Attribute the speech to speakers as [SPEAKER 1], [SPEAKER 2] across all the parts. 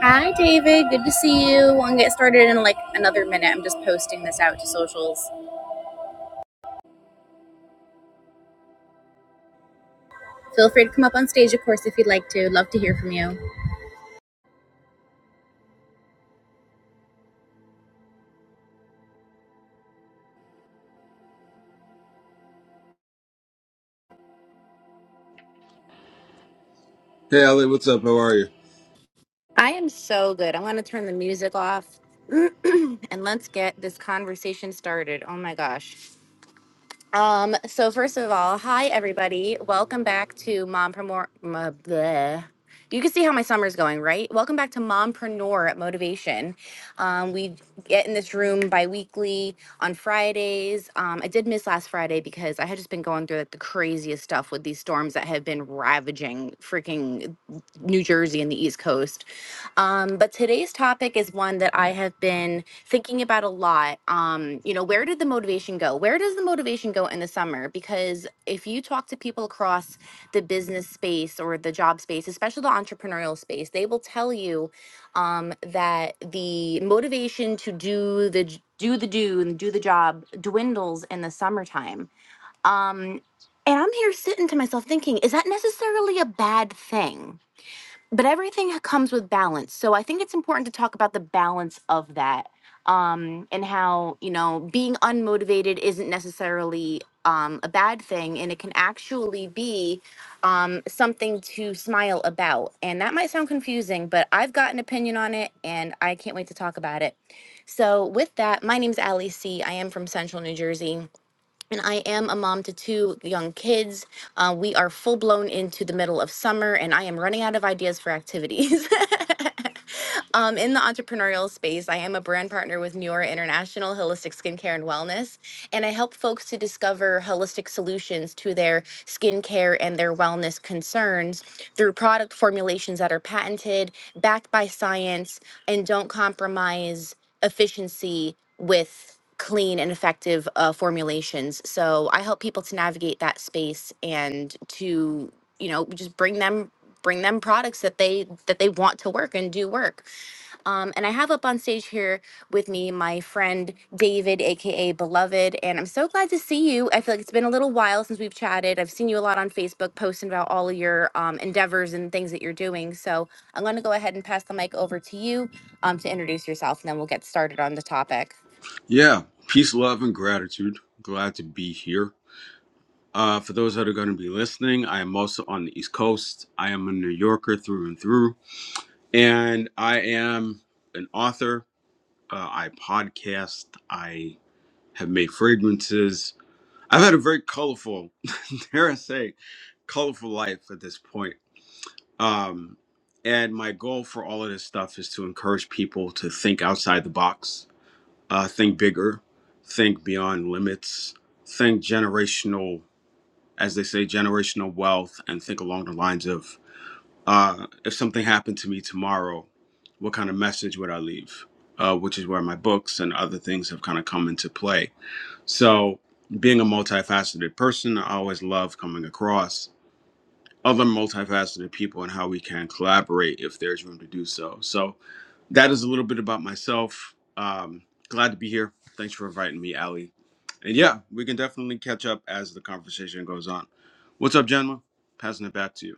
[SPEAKER 1] Hi, David. Good to see you. We'll get started in like another minute. I'm just posting this out to socials. Feel free to come up on stage, of course, if you'd like to. Love to hear from you.
[SPEAKER 2] Hey, Ali, what's up? How are you?
[SPEAKER 1] I am so good. I'm going to turn the music off and let's get this conversation started. Oh my gosh. Um, so first of all, hi everybody. Welcome back to Mompreneur. m- bleh. You can see how my summer's going, right? Welcome back to Mompreneur Motivation. Um, we get in this room bi-weekly on Fridays. Um, I did miss last Friday because I had just been going through like the craziest stuff with these storms that have been ravaging freaking New Jersey and the East Coast. Um, but today's topic is one that I have been thinking about a lot. Um, you know, where did the motivation go? Where does the motivation go in the summer? Because if you talk to people across the business space or the job space, especially the entrepreneurial space, they will tell you um, that the motivation to do the j- do the do and do the job dwindles in the summertime. Um, and I'm here sitting to myself thinking, is that necessarily a bad thing? but everything comes with balance. So I think it's important to talk about the balance of that um, and how, you know, being unmotivated isn't necessarily um, a bad thing and it can actually be um, something to smile about. And that might sound confusing, but I've got an opinion on it and I can't wait to talk about it. So, with that, my name's Allie C. I am from Central New Jersey and I am a mom to two young kids. Uh, we are full blown into the middle of summer, and I am running out of ideas for activities. um, in the entrepreneurial space, I am a brand partner with Neura International Holistic Skincare and Wellness, and I help folks to discover holistic solutions to their skincare and their wellness concerns through product formulations that are patented, backed by science, and don't compromise efficiency with clean and effective uh, formulations. So I help people to navigate that space and to you know just bring them bring them products that they that they want to work and do work. Um, and I have up on stage here with me my friend David, aka Beloved. And I'm so glad to see you. I feel like it's been a little while since we've chatted. I've seen you a lot on Facebook posting about all of your um, endeavors and things that you're doing. So I'm going to go ahead and pass the mic over to you um, to introduce yourself, and then we'll get started on the topic.
[SPEAKER 2] Yeah, peace, love, and gratitude. Glad to be here. Uh, for those that are going to be listening, I am also on the East Coast. I am a New Yorker through and through, and I am an author. Uh, I podcast. I have made fragrances. I've had a very colorful, dare I say, colorful life at this point. Um, and my goal for all of this stuff is to encourage people to think outside the box uh, think bigger, think beyond limits, think generational, as they say, generational wealth, and think along the lines of uh, if something happened to me tomorrow, what kind of message would I leave? Uh, which is where my books and other things have kind of come into play. So, being a multifaceted person, I always love coming across other multifaceted people and how we can collaborate if there's room to do so. So that is a little bit about myself. Um, glad to be here. Thanks for inviting me, Ali. And yeah, we can definitely catch up as the conversation goes on. What's up, Jenma? Passing it back to you.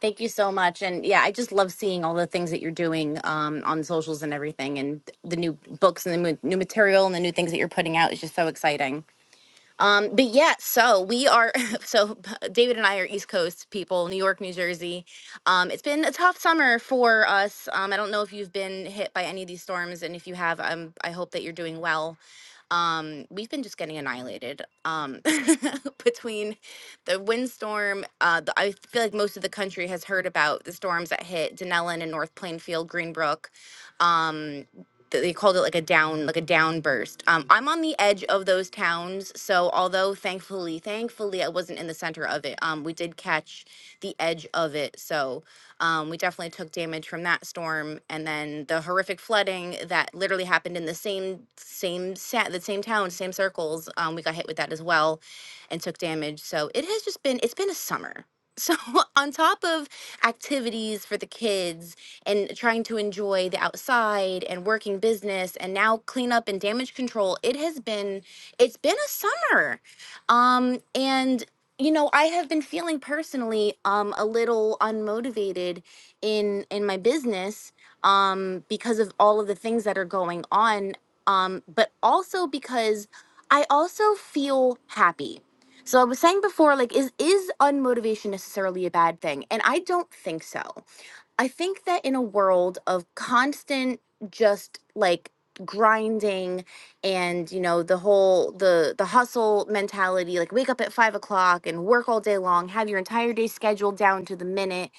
[SPEAKER 1] Thank you so much. And yeah, I just love seeing all the things that you're doing um, on socials and everything, and the new books and the mu- new material and the new things that you're putting out is just so exciting. Um, but yeah, so we are, so David and I are East Coast people, New York, New Jersey. Um, it's been a tough summer for us. Um, I don't know if you've been hit by any of these storms, and if you have, um, I hope that you're doing well. Um, we've been just getting annihilated um, between the windstorm. Uh, the, I feel like most of the country has heard about the storms that hit Denellen and North Plainfield, Greenbrook. Um, they called it like a down like a downburst um i'm on the edge of those towns so although thankfully thankfully i wasn't in the center of it um we did catch the edge of it so um we definitely took damage from that storm and then the horrific flooding that literally happened in the same same sa- the same town same circles um we got hit with that as well and took damage so it has just been it's been a summer so on top of activities for the kids and trying to enjoy the outside and working business and now cleanup and damage control. It has been it's been a summer. Um and you know, I have been feeling personally um a little unmotivated in in my business um because of all of the things that are going on um but also because I also feel happy. So I was saying before like is is unmotivation necessarily a bad thing? And I don't think so. I think that in a world of constant just like grinding and you know the whole the the hustle mentality like wake up at five o'clock and work all day long have your entire day scheduled down to the minute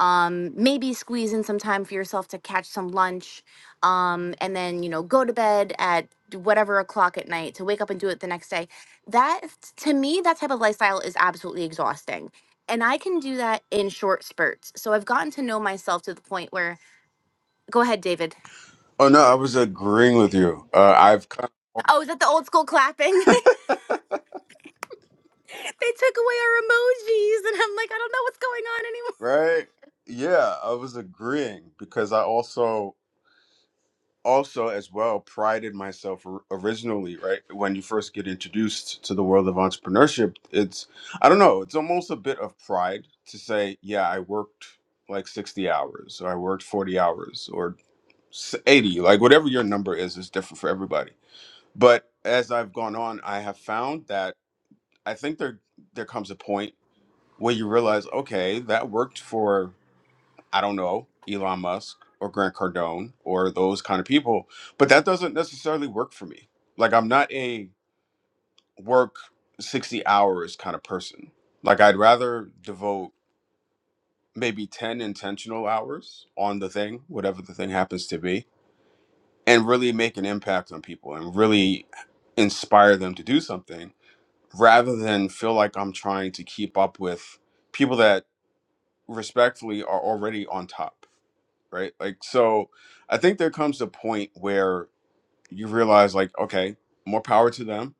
[SPEAKER 1] um maybe squeeze in some time for yourself to catch some lunch um, and then you know go to bed at whatever o'clock at night to wake up and do it the next day that to me that type of lifestyle is absolutely exhausting and i can do that in short spurts so i've gotten to know myself to the point where go ahead david
[SPEAKER 2] Oh no, I was agreeing with you. Uh, I've kind of,
[SPEAKER 1] oh is that the old school clapping they took away our emojis and i'm like i don't know what's going on anymore.
[SPEAKER 2] right. Yeah, I was agreeing because I also also as well prided myself or- originally right when you first get introduced to the world of entrepreneurship it's i don't know it's almost a bit of pride to say yeah i worked like 60 hours or i worked 40 hours or s- 80 like whatever your number is is different for everybody but as i've gone on i have found that i think there there comes a point where you realize okay that worked for I don't know, Elon Musk or Grant Cardone or those kind of people. But that doesn't necessarily work for me. Like I'm not a work 60 hours kind of person. Like I'd rather devote maybe 10 intentional hours on the thing, whatever the thing happens to be, and really make an impact on people and really inspire them to do something rather than feel like I'm trying to keep up with people that respectfully are already on top. right? Like, so I think there comes a point where you realize, like, okay, more power to them.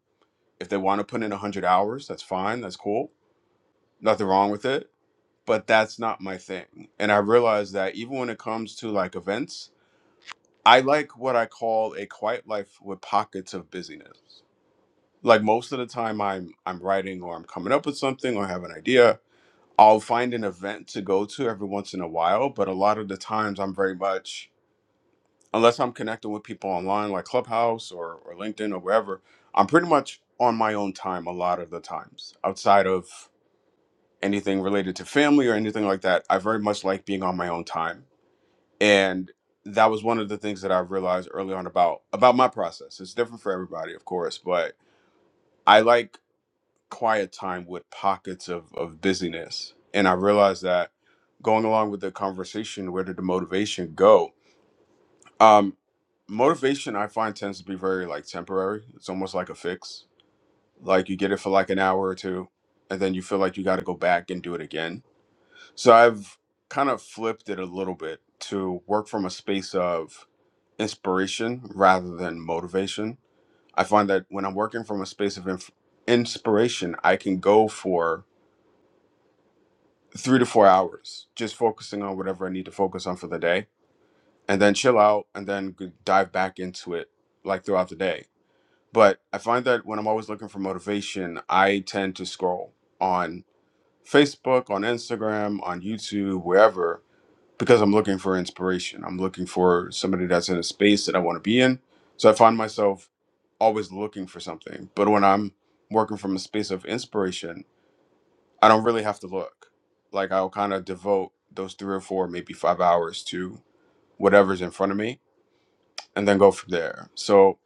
[SPEAKER 2] If they want to put in 100 hours, that's fine. That's cool. Nothing wrong with it. But that's not my thing. And I realize that even when it comes to like events, I like what I call a quiet life with pockets of busyness. Like most of the time I'm I'm writing or I'm coming up with something or have an idea, I'll find an event to go to every once in a while, but a lot of the times I'm very much unless I'm connecting with people online like Clubhouse or, or LinkedIn or wherever, I'm pretty much on my own time a lot of the times. Outside of anything related to family or anything like that, I very much like being on my own time. And that was one of the things that I realized early on about about my process. It's different for everybody, of course, but I like quiet time with pockets of, of busyness. And I realized that going along with the conversation, where did the motivation go? Um, motivation I find tends to be very like temporary. It's almost like a fix. Like you get it for like an hour or two, and then you feel like you got to go back and do it again. So I've kind of flipped it a little bit to work from a space of inspiration rather than motivation. I find that when I'm working from a space of inf- inspiration, I can go for three to four hours just focusing on whatever I need to focus on for the day and then chill out and then g- dive back into it like throughout the day But I find that when I'm always looking for motivation, I tend to scroll on Facebook, on Instagram, on YouTube, wherever, because I'm looking for inspiration. I'm looking for somebody that's in a space that I want to be in. So I find myself always looking for something. But when I'm working from a space of inspiration, I don't really have to look. Like I'll kind of devote those three or four, maybe five hours to whatever's in front of me and then go from there. So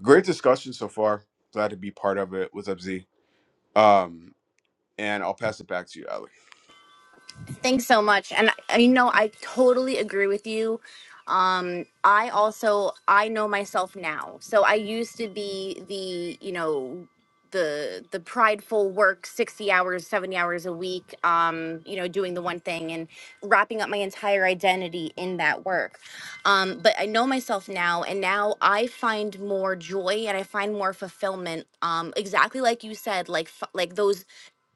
[SPEAKER 2] great discussion so far. Glad to be part of it. What's up, Z? Um, and I'll pass it back to you, Alec.
[SPEAKER 1] Thanks so much. And I- you know, I totally agree with you. Um, I also I know myself now. So I used to be the, you know, the the prideful work 60 hours, 70 hours a week, um, you know, doing the one thing and wrapping up my entire identity in that work. Um, but I know myself now and now I find more joy and I find more fulfillment um exactly like you said, like f- like those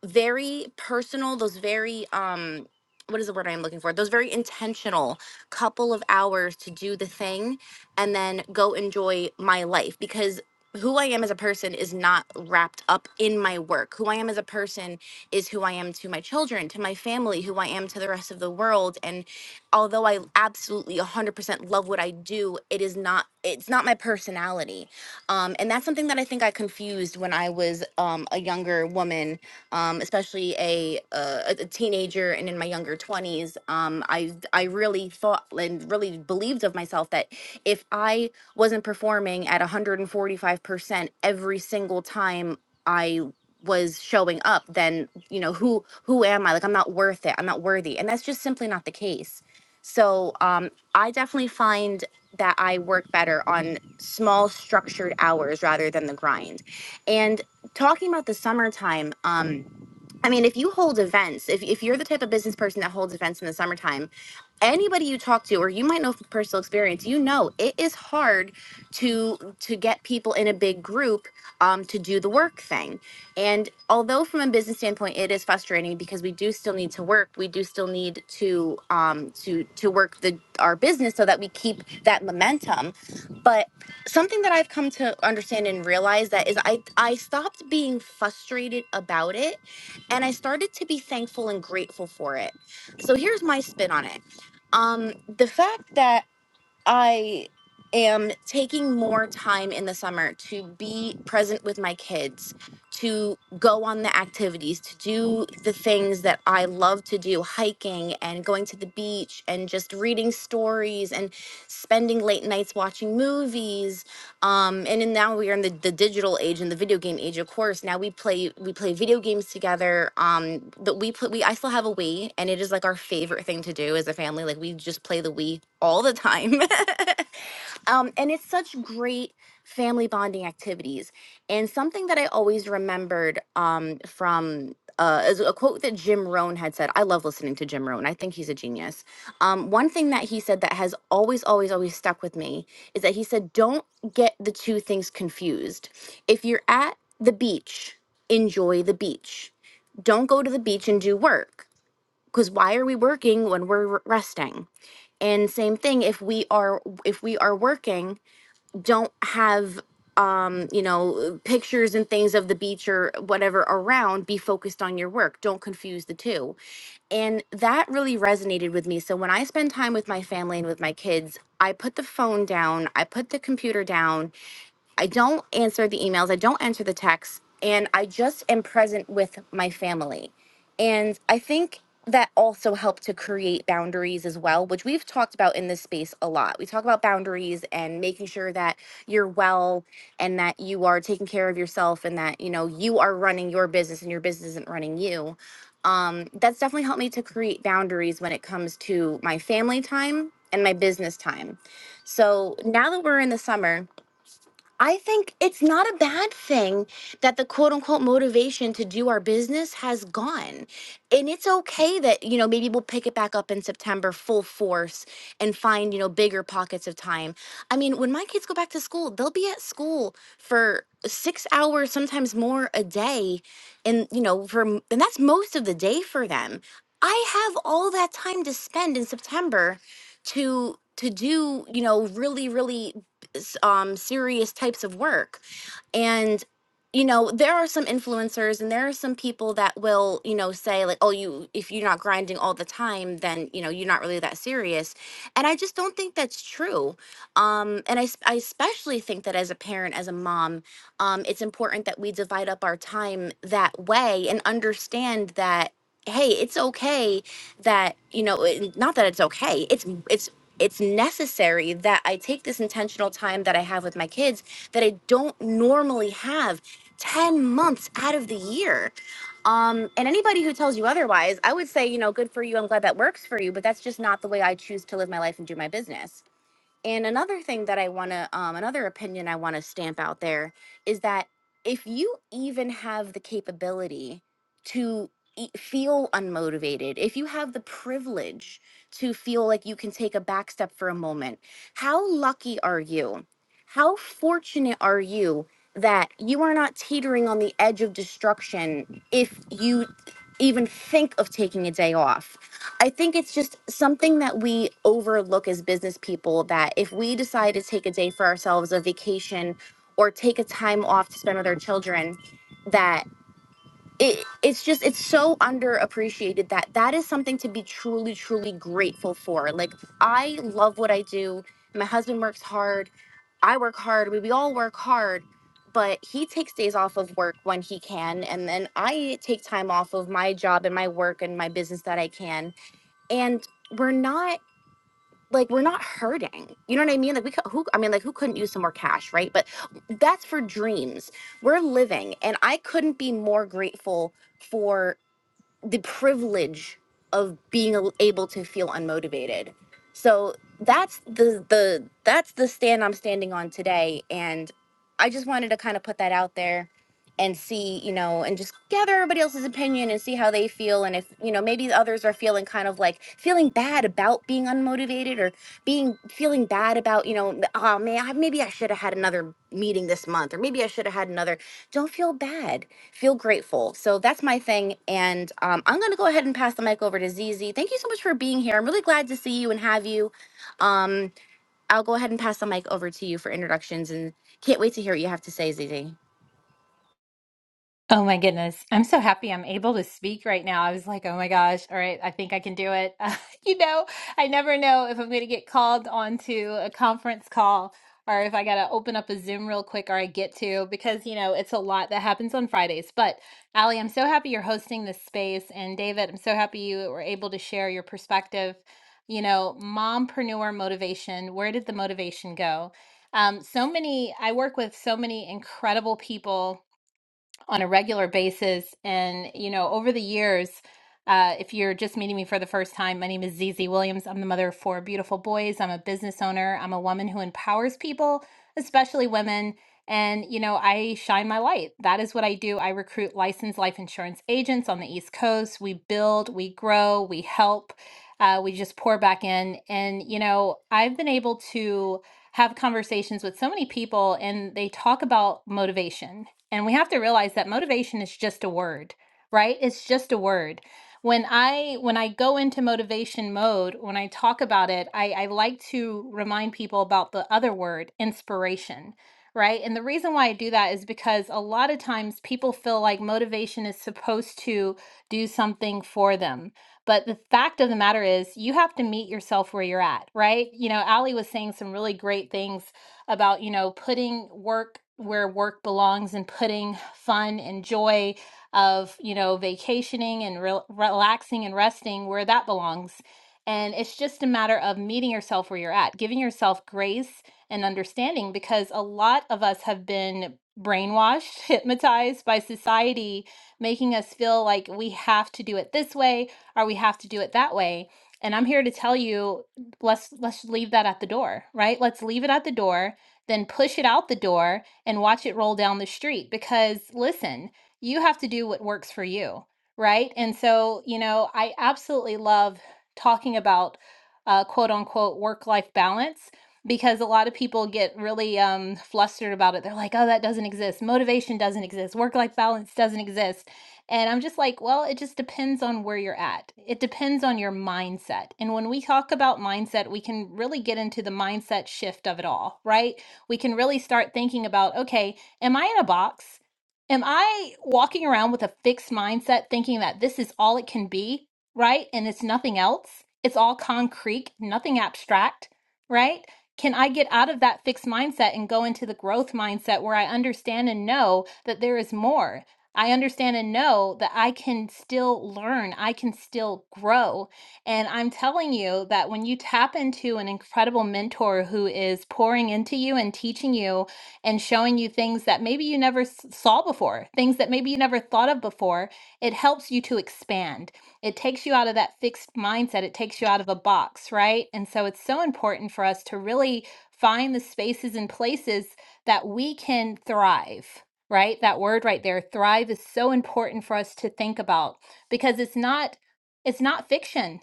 [SPEAKER 1] very personal those very um what is the word I'm looking for? Those very intentional couple of hours to do the thing and then go enjoy my life because who I am as a person is not wrapped up in my work. Who I am as a person is who I am to my children, to my family, who I am to the rest of the world. And although I absolutely 100% love what I do, it is not it's not my personality. Um, and that's something that I think I confused when I was um, a younger woman um, especially a, uh, a a teenager and in my younger 20s um, I, I really thought and really believed of myself that if i wasn't performing at 145% every single time i was showing up then you know who who am i like i'm not worth it i'm not worthy and that's just simply not the case so um, i definitely find that i work better on small structured hours rather than the grind and talking about the summertime um, I mean, if you hold events, if, if you're the type of business person that holds events in the summertime, anybody you talk to, or you might know from personal experience, you know it is hard to to get people in a big group um, to do the work thing. And although from a business standpoint, it is frustrating because we do still need to work, we do still need to um, to to work the our business so that we keep that momentum. But something that I've come to understand and realize that is I I stopped being frustrated about it and I started to be thankful and grateful for it. So here's my spin on it. Um, the fact that I am taking more time in the summer to be present with my kids, to go on the activities, to do the things that I love to do, hiking and going to the beach and just reading stories and spending late nights watching movies um and then now we are in the, the digital age and the video game age of course now we play we play video games together um that we put we i still have a wii and it is like our favorite thing to do as a family like we just play the wii all the time Um, and it's such great family bonding activities. And something that I always remembered um, from uh, is a quote that Jim Rohn had said. I love listening to Jim Rohn. I think he's a genius. Um, one thing that he said that has always, always, always stuck with me is that he said, "Don't get the two things confused. If you're at the beach, enjoy the beach. Don't go to the beach and do work because why are we working when we're resting and same thing if we are if we are working don't have um you know pictures and things of the beach or whatever around be focused on your work don't confuse the two and that really resonated with me so when i spend time with my family and with my kids i put the phone down i put the computer down I don't answer the emails, I don't answer the texts, and I just am present with my family. And I think that also helped to create boundaries as well, which we've talked about in this space a lot. We talk about boundaries and making sure that you're well and that you are taking care of yourself and that, you know, you are running your business and your business isn't running you. Um, that's definitely helped me to create boundaries when it comes to my family time and my business time. So now that we're in the summer, I think it's not a bad thing that the quote unquote motivation to do our business has gone. And it's okay that, you know, maybe we'll pick it back up in September full force and find, you know, bigger pockets of time. I mean, when my kids go back to school, they'll be at school for six hours, sometimes more a day. And, you know, for, m- and that's most of the day for them. I have all that time to spend in September to to do you know really really s- um, serious types of work. And you know, there are some influencers and there are some people that will, you know, say like, "Oh, you if you're not grinding all the time, then, you know, you're not really that serious." And I just don't think that's true. Um and I s- I especially think that as a parent, as a mom, um it's important that we divide up our time that way and understand that hey, it's okay that you know it, not that it's okay it's it's it's necessary that i take this intentional time that i have with my kids that i don't normally have 10 months out of the year um and anybody who tells you otherwise i would say you know good for you i'm glad that works for you but that's just not the way i choose to live my life and do my business and another thing that I want to, um, another opinion I want to stamp out there is that if you even have the capability to e- feel unmotivated, if you have the privilege to feel like you can take a back step for a moment, how lucky are you? How fortunate are you that you are not teetering on the edge of destruction if you even think of taking a day off? I think it's just something that we overlook as business people that if we decide to take a day for ourselves, a vacation, or take a time off to spend with our children, that it, it's just it's so underappreciated that that is something to be truly truly grateful for like i love what i do my husband works hard i work hard we, we all work hard but he takes days off of work when he can and then i take time off of my job and my work and my business that i can and we're not like we're not hurting. You know what I mean? Like we could, who I mean like who couldn't use some more cash, right? But that's for dreams. We're living and I couldn't be more grateful for the privilege of being able to feel unmotivated. So that's the the that's the stand I'm standing on today and I just wanted to kind of put that out there and see, you know, and just gather everybody else's opinion and see how they feel and if, you know, maybe the others are feeling kind of like feeling bad about being unmotivated or being feeling bad about, you know, oh man, I- maybe I should have had another meeting this month or maybe I should have had another don't feel bad. Feel grateful. So that's my thing. And um, I'm going to go ahead and pass the mic over to Zizi. Thank you so much for being here. I'm really glad to see you and have you. Um, I'll go ahead and pass the mic over to you for introductions and can't wait to hear what you have to say, Zizi.
[SPEAKER 3] Oh my goodness. I'm so happy I'm able to speak right now. I was like, oh my gosh, all right, I think I can do it. you know, I never know if I'm going to get called onto a conference call or if I got to open up a Zoom real quick or I get to because, you know, it's a lot that happens on Fridays. But Allie, I'm so happy you're hosting this space. And David, I'm so happy you were able to share your perspective. You know, mompreneur motivation, where did the motivation go? Um, so many, I work with so many incredible people on a regular basis. And, you know, over the years, uh, if you're just meeting me for the first time, my name is Zizi Williams. I'm the mother of four beautiful boys. I'm a business owner. I'm a woman who empowers people, especially women. And, you know, I shine my light. That is what I do. I recruit licensed life insurance agents on the East Coast. We build, we grow, we help, uh, we just pour back in. And, you know, I've been able to have conversations with so many people and they talk about motivation and we have to realize that motivation is just a word, right? It's just a word. When I when I go into motivation mode, when I talk about it, I, I like to remind people about the other word, inspiration, right? And the reason why I do that is because a lot of times people feel like motivation is supposed to do something for them. But the fact of the matter is, you have to meet yourself where you're at, right? You know, Ali was saying some really great things about, you know, putting work where work belongs and putting fun and joy of, you know, vacationing and rel relaxing and resting where that belongs. And it's just a matter of meeting yourself where you're at, giving yourself grace and understanding because a lot of us have been brainwashed, hypnotized by society, making us feel like we have to do it this way or we have to do it that way. And I'm here to tell you, let's let's leave that at the door, right? Let's leave it at the door then push it out the door and watch it roll down the street. Because listen, you have to do what works for you, right? And so, you know, I absolutely love talking about uh, quote unquote work life balance because a lot of people get really um, flustered about it. They're like, oh, that doesn't exist. Motivation doesn't exist. Work life balance doesn't exist. And I'm just like, well, it just depends on where you're at. It depends on your mindset. And when we talk about mindset, we can really get into the mindset shift of it all, right? we can really start thinking about okay, am I in a box? Am I walking around with a fixed mindset thinking that this is all it can be, right? And it's nothing else? It's all concrete, nothing abstract, right? Can I get out of that fixed mindset and go into the growth mindset where I understand and know that there is more? I understand and know that I can still learn, I can still grow, and I'm telling you that when you tap into an incredible mentor who is pouring into you and teaching you and showing you things that maybe you never s- saw before, things that maybe you never thought of before, it helps you to expand. It takes you out of that fixed mindset, it takes you out of a box, right? And so it's so important for us to really find the spaces and places that we can thrive. Right? That word right there, thrive, is so important for us to think about because it's not it's not fiction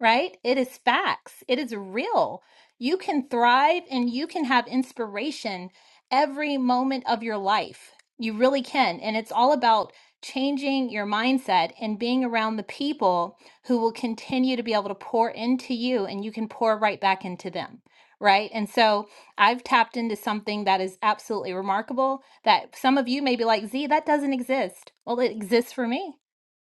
[SPEAKER 3] right? It is facts, it is real. You can thrive and you can have inspiration every moment of your life. You really can. And it's all about changing your mindset and being around the people who will continue to be able to pour into you and you can pour right back into them. Right. And so I've tapped into something that is absolutely remarkable that some of you may be like, Z, that doesn't exist. Well, it exists for me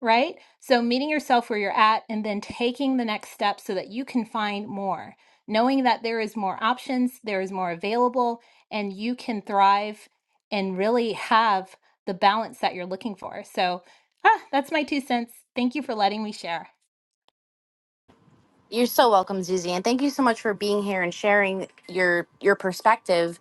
[SPEAKER 3] right? So, meeting yourself where you're at and then taking the next step so that you can find more, knowing that there is more options, there is more available, and you can thrive and really have the balance that you're looking for. So, ah, that's my two cents. Thank you for letting me share.
[SPEAKER 1] You're so welcome, Zuzi, and thank you so much for being here and sharing your your perspective.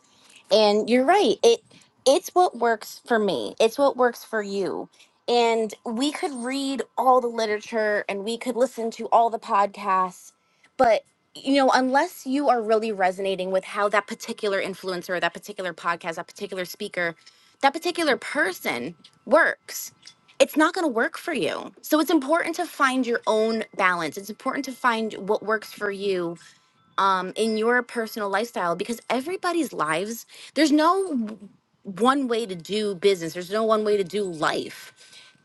[SPEAKER 1] And you're right. It it's what works for me. It's what works for you. And we could read all the literature and we could listen to all the podcasts, but you know, unless you are really resonating with how that particular influencer, that particular podcast, that particular speaker, that particular person works, it's not going to work for you. So it's important to find your own balance. It's important to find what works for you um, in your personal lifestyle because everybody's lives, there's no w- one way to do business, there's no one way to do life.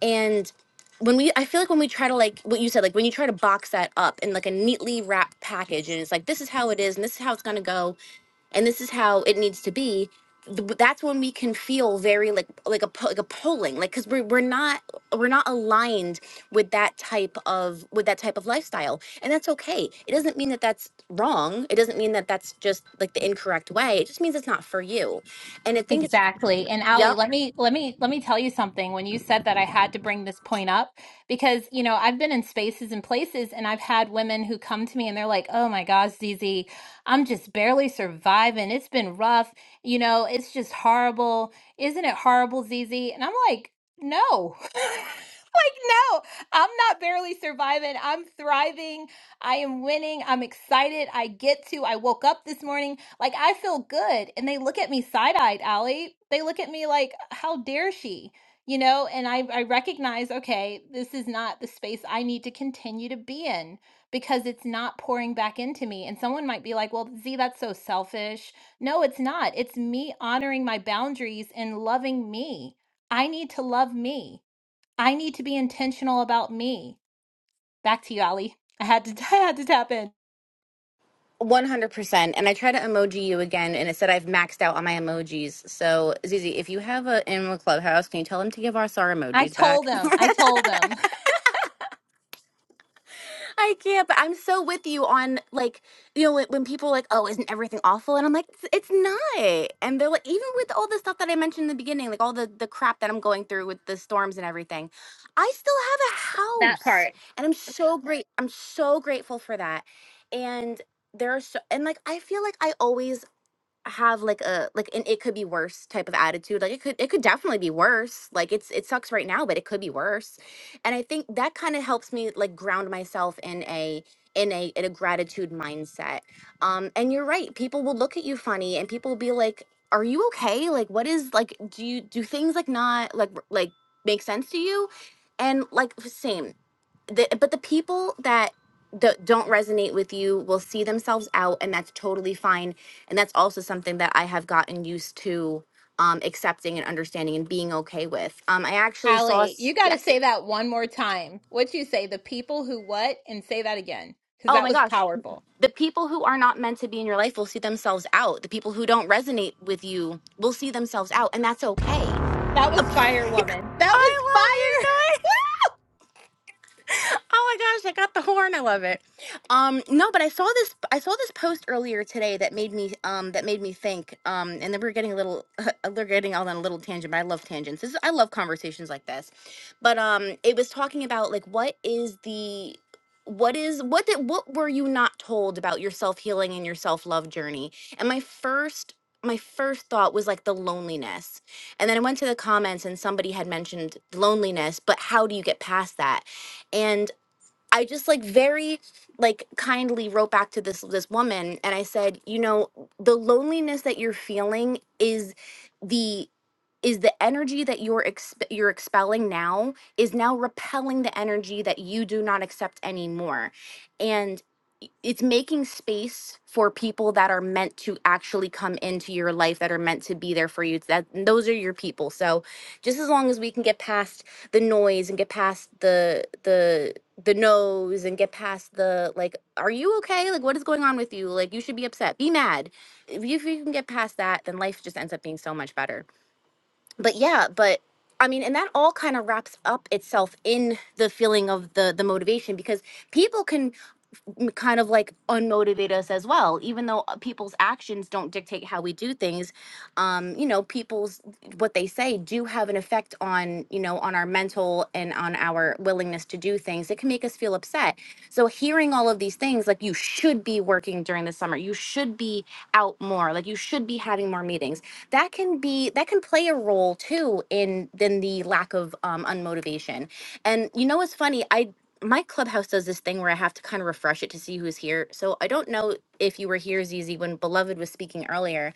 [SPEAKER 1] And when we, I feel like when we try to like what you said, like when you try to box that up in like a neatly wrapped package, and it's like this is how it is, and this is how it's gonna go, and this is how it needs to be th- that's when we can feel very like like a po- like a polling like because we're, we're not we're not aligned with that type of with that type of lifestyle and that's okay it doesn't mean that that's wrong it doesn't mean that that's just like the incorrect way it just means it's not for you and i think it's
[SPEAKER 3] Exactly. And Ali,
[SPEAKER 1] yep
[SPEAKER 3] let me let me let me tell you something. When you said that I had to bring this point up because, you know, I've been in spaces and places and I've had women who come to me and they're like, "Oh my gosh, Zizi, I'm just barely surviving. It's been rough. You know, it's just horrible. Isn't it horrible, Zizi?" And I'm like, "No." Like, no, I'm not barely surviving. I'm thriving. I am winning. I'm excited. I get to. I woke up this morning. Like, I feel good. And they look at me side eyed, Allie. They look at me like, how dare she? You know, and I, I recognize, okay, this is not the space I need to continue to be in because it's not pouring back into me. And someone might be like, well, Z, that's so selfish. No, it's not. It's me honoring my boundaries and loving me. I need to love me. I need to be intentional about me. Back to you, Allie. I had to, I had to tap in.
[SPEAKER 1] 100% and i try to emoji you again and it said i've maxed out on my emojis so zizi if you have a in the clubhouse can you tell them to give us our
[SPEAKER 3] I
[SPEAKER 1] emojis
[SPEAKER 3] told
[SPEAKER 1] back
[SPEAKER 3] them. I told them.
[SPEAKER 1] I can't, but I'm so with you on like, you know, when, when people are like, oh, isn't everything awful? And I'm like, it's, it's not. And they're like, even with all the stuff that I mentioned in the beginning, like all the, the crap that I'm going through with the storms and everything, I still have a house.
[SPEAKER 3] Sorry.
[SPEAKER 1] And I'm so great. I'm so grateful for that. And there are so, and like, I feel like I always have like a like an it could be worse type of attitude like it could it could definitely be worse like it's it sucks right now but it could be worse and i think that kind of helps me like ground myself in a in a in a gratitude mindset um and you're right people will look at you funny and people will be like are you okay like what is like do you do things like not like r- like make sense to you and like same the, but the people that d- don't resonate with you will see themselves out and that's totally fine and that's also something that i have gotten used to um, accepting and understanding and being okay with um, i actually saw
[SPEAKER 3] Allie,
[SPEAKER 1] s-
[SPEAKER 3] you got to
[SPEAKER 1] yes
[SPEAKER 3] say that one more time. What you say? The people who what? And say that again because
[SPEAKER 1] oh
[SPEAKER 3] that
[SPEAKER 1] my
[SPEAKER 3] was
[SPEAKER 1] gosh
[SPEAKER 3] powerful.
[SPEAKER 1] the people who are not meant to be in your life will see themselves out the people who don't resonate with you will see themselves out and that's okay
[SPEAKER 3] That was
[SPEAKER 1] i love
[SPEAKER 3] fire, woman. That was
[SPEAKER 1] you
[SPEAKER 3] fire.
[SPEAKER 1] Joy. Oh my gosh, I got the horn. I love it. Um, no, but I saw this I saw this post earlier today that made me um that made me think. Um, and then we're getting a little we're getting all on a little tangent, but I love tangents. This is, I love conversations like this. But um it was talking about like what is the what is what did what were you not told about your self-healing and your self-love journey? And my first my first thought was like the loneliness. And then I went to the comments and somebody had mentioned loneliness, but how do you get past that? I just like very like kindly wrote back to this this woman and I said, you know, the loneliness that you're feeling is the is the energy that you're exp- you're expelling now is now repelling the energy that you do not accept anymore. And i- it's making space for people that are meant to actually come into your life that are meant to be there for you. That those are your people. So just as long as we can get past the noise and get past the the the nose and get past the like are you okay like what is going on with you like you should be upset be mad if you, if you can get past that then life just ends up being so much better but yeah but i mean and that all kind of wraps up itself in the feeling of the the motivation because people can m- kind of like unmotivate us as well even though uh, people's actions don't dictate how we do things um you know people's what they say do have an effect on you know on our mental and on our willingness to do things it can make us feel upset so hearing all of these things like you should be working during the summer you should be out more like you should be having more meetings that can be that can play a role too in then the lack of um unmotivation and you know it's funny? I my clubhouse does this thing where I have to kind of refresh it to see who's here. So I don't know if you were here, Zizi, when Beloved was speaking earlier,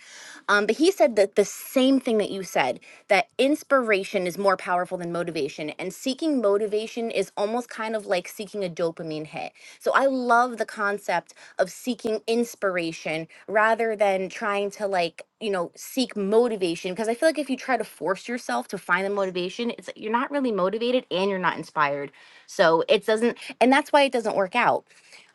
[SPEAKER 1] um, but he said that the same thing that you said that inspiration is more powerful than motivation, and seeking motivation is almost kind of like seeking a dopamine hit. So I love the concept of seeking inspiration rather than trying to like you know seek motivation because i feel like if you try to force yourself to find the motivation it's you're not really motivated and you're not inspired so it doesn't and that's why it doesn't work out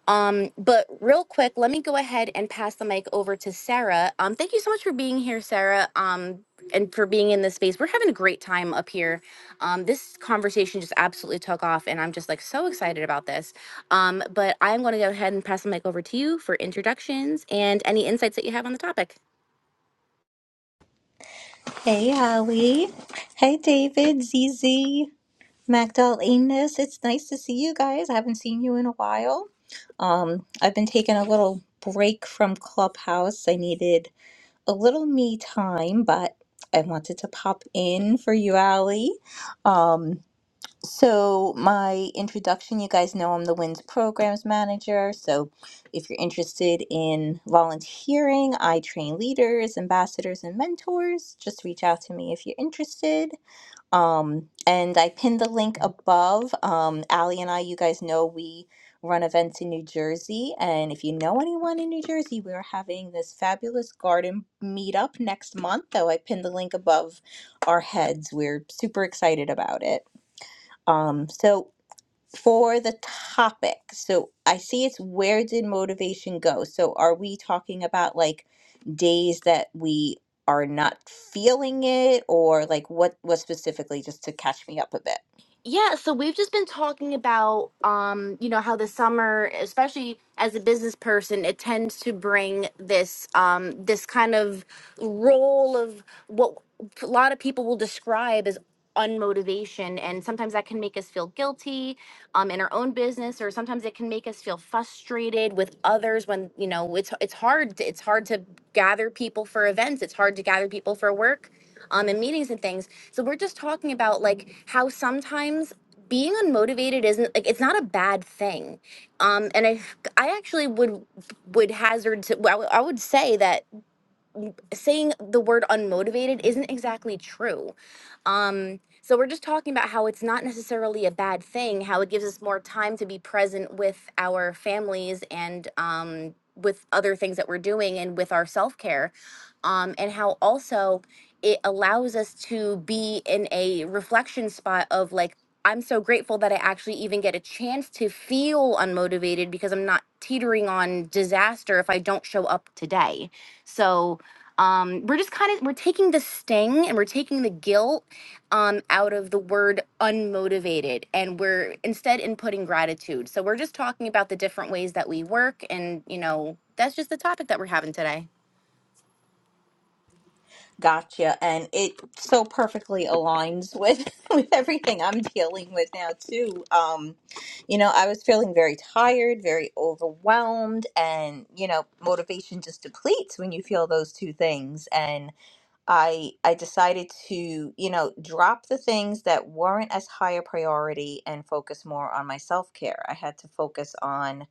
[SPEAKER 1] um, but real quick, let me go ahead and pass the mic over to Sarah. Um, thank you so much for being here, Sarah, um, and for being in this space. We're having a great time up here. Um, this conversation just absolutely took off, and I'm just like so excited about this. Um, but I'm going to go ahead and pass the mic over to you for introductions and any insights that you have on the topic.
[SPEAKER 4] Hey, Holly. Hey, David, Z Magdal, Enos. It's nice to see you guys. I haven't seen you in a while. Um, I've been taking a little break from Clubhouse. I needed a little me time, but I wanted to pop in for you, Allie. So, my introduction you guys know I'm the WINS programs manager. So, if you're interested in volunteering, I train leaders, ambassadors, and mentors. Just reach out to me if you're interested. Um, and I pinned the link above. Um, Allie and I, you guys know we run events in New Jersey. And if you know anyone in New Jersey, we're having this fabulous garden meetup next month. Though I pinned the link above our heads. We're super excited about it. Um, so for the topic, so I see it's where did motivation go? So are we talking about like days that we are not feeling it or like what what specifically just to catch me up a bit?
[SPEAKER 1] Yeah, so we've just been talking about, um, you know, how the summer, especially as a business person, it tends to bring this, um, this kind of role of what a lot of people will describe as unmotivation, and sometimes that can make us feel guilty, um, in our own business, or sometimes it can make us feel frustrated with others when, you know, it's it's hard to, it's hard to gather people for events, it's hard to gather people for work um, in meetings and things. So we're just talking about like how sometimes being unmotivated isn't like it's not a bad thing. Um, and I I actually would would hazard to I would I would say that saying the word unmotivated isn't exactly true. Um, so we're just talking about how it's not necessarily a bad thing, how it gives us more time to be present with our families and um, with other things that we're doing and with our self care, um, and how also it allows us to be in a reflection spot of like, I'm so grateful that I actually even get a chance to feel unmotivated because I'm not teetering on disaster if I don't show up today. So, um, we're just kind of we're taking the sting and we're taking the guilt um, out of the word unmotivated and we're instead inputting gratitude so we're just talking about the different ways that we work and you know that's just the topic that we're having today
[SPEAKER 4] Gotcha. And it so perfectly aligns with with everything I'm dealing with now too. Um, you know, I was feeling very tired, very overwhelmed, and you know, motivation just depletes when you feel those two things. And I I decided to, you know, drop the things that weren't as high a priority and focus more on my self-care. I had to focus on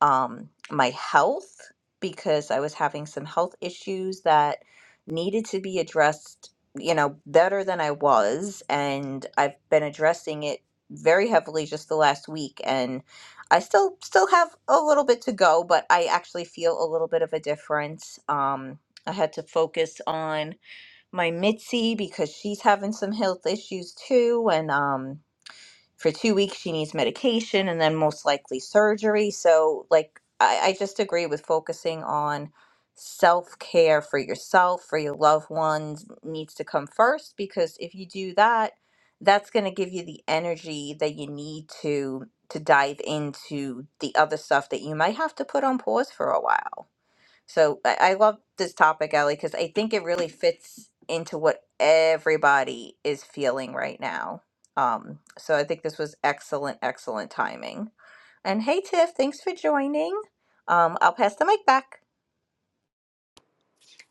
[SPEAKER 4] um, my health because I was having some health issues that needed to be addressed, you know, better than I was. And I've been addressing it very heavily just the last week. And I still still have a little bit to go, but I actually feel a little bit of a difference. Um, I had to focus on my Mitzi because she's having some health issues too, and um, for two weeks she needs medication and then most likely surgery so like i, I just agree with focusing on self-care for yourself for your loved ones needs to come first because if you do that that's going to give you the energy that you need to to dive into the other stuff that you might have to put on pause for a while so I, I love this topic, Ellie, because I think it really fits into what everybody is feeling right now. Um, so I think this was excellent, excellent timing. And hey, Tiff, thanks for joining. Um, I'll pass the mic back.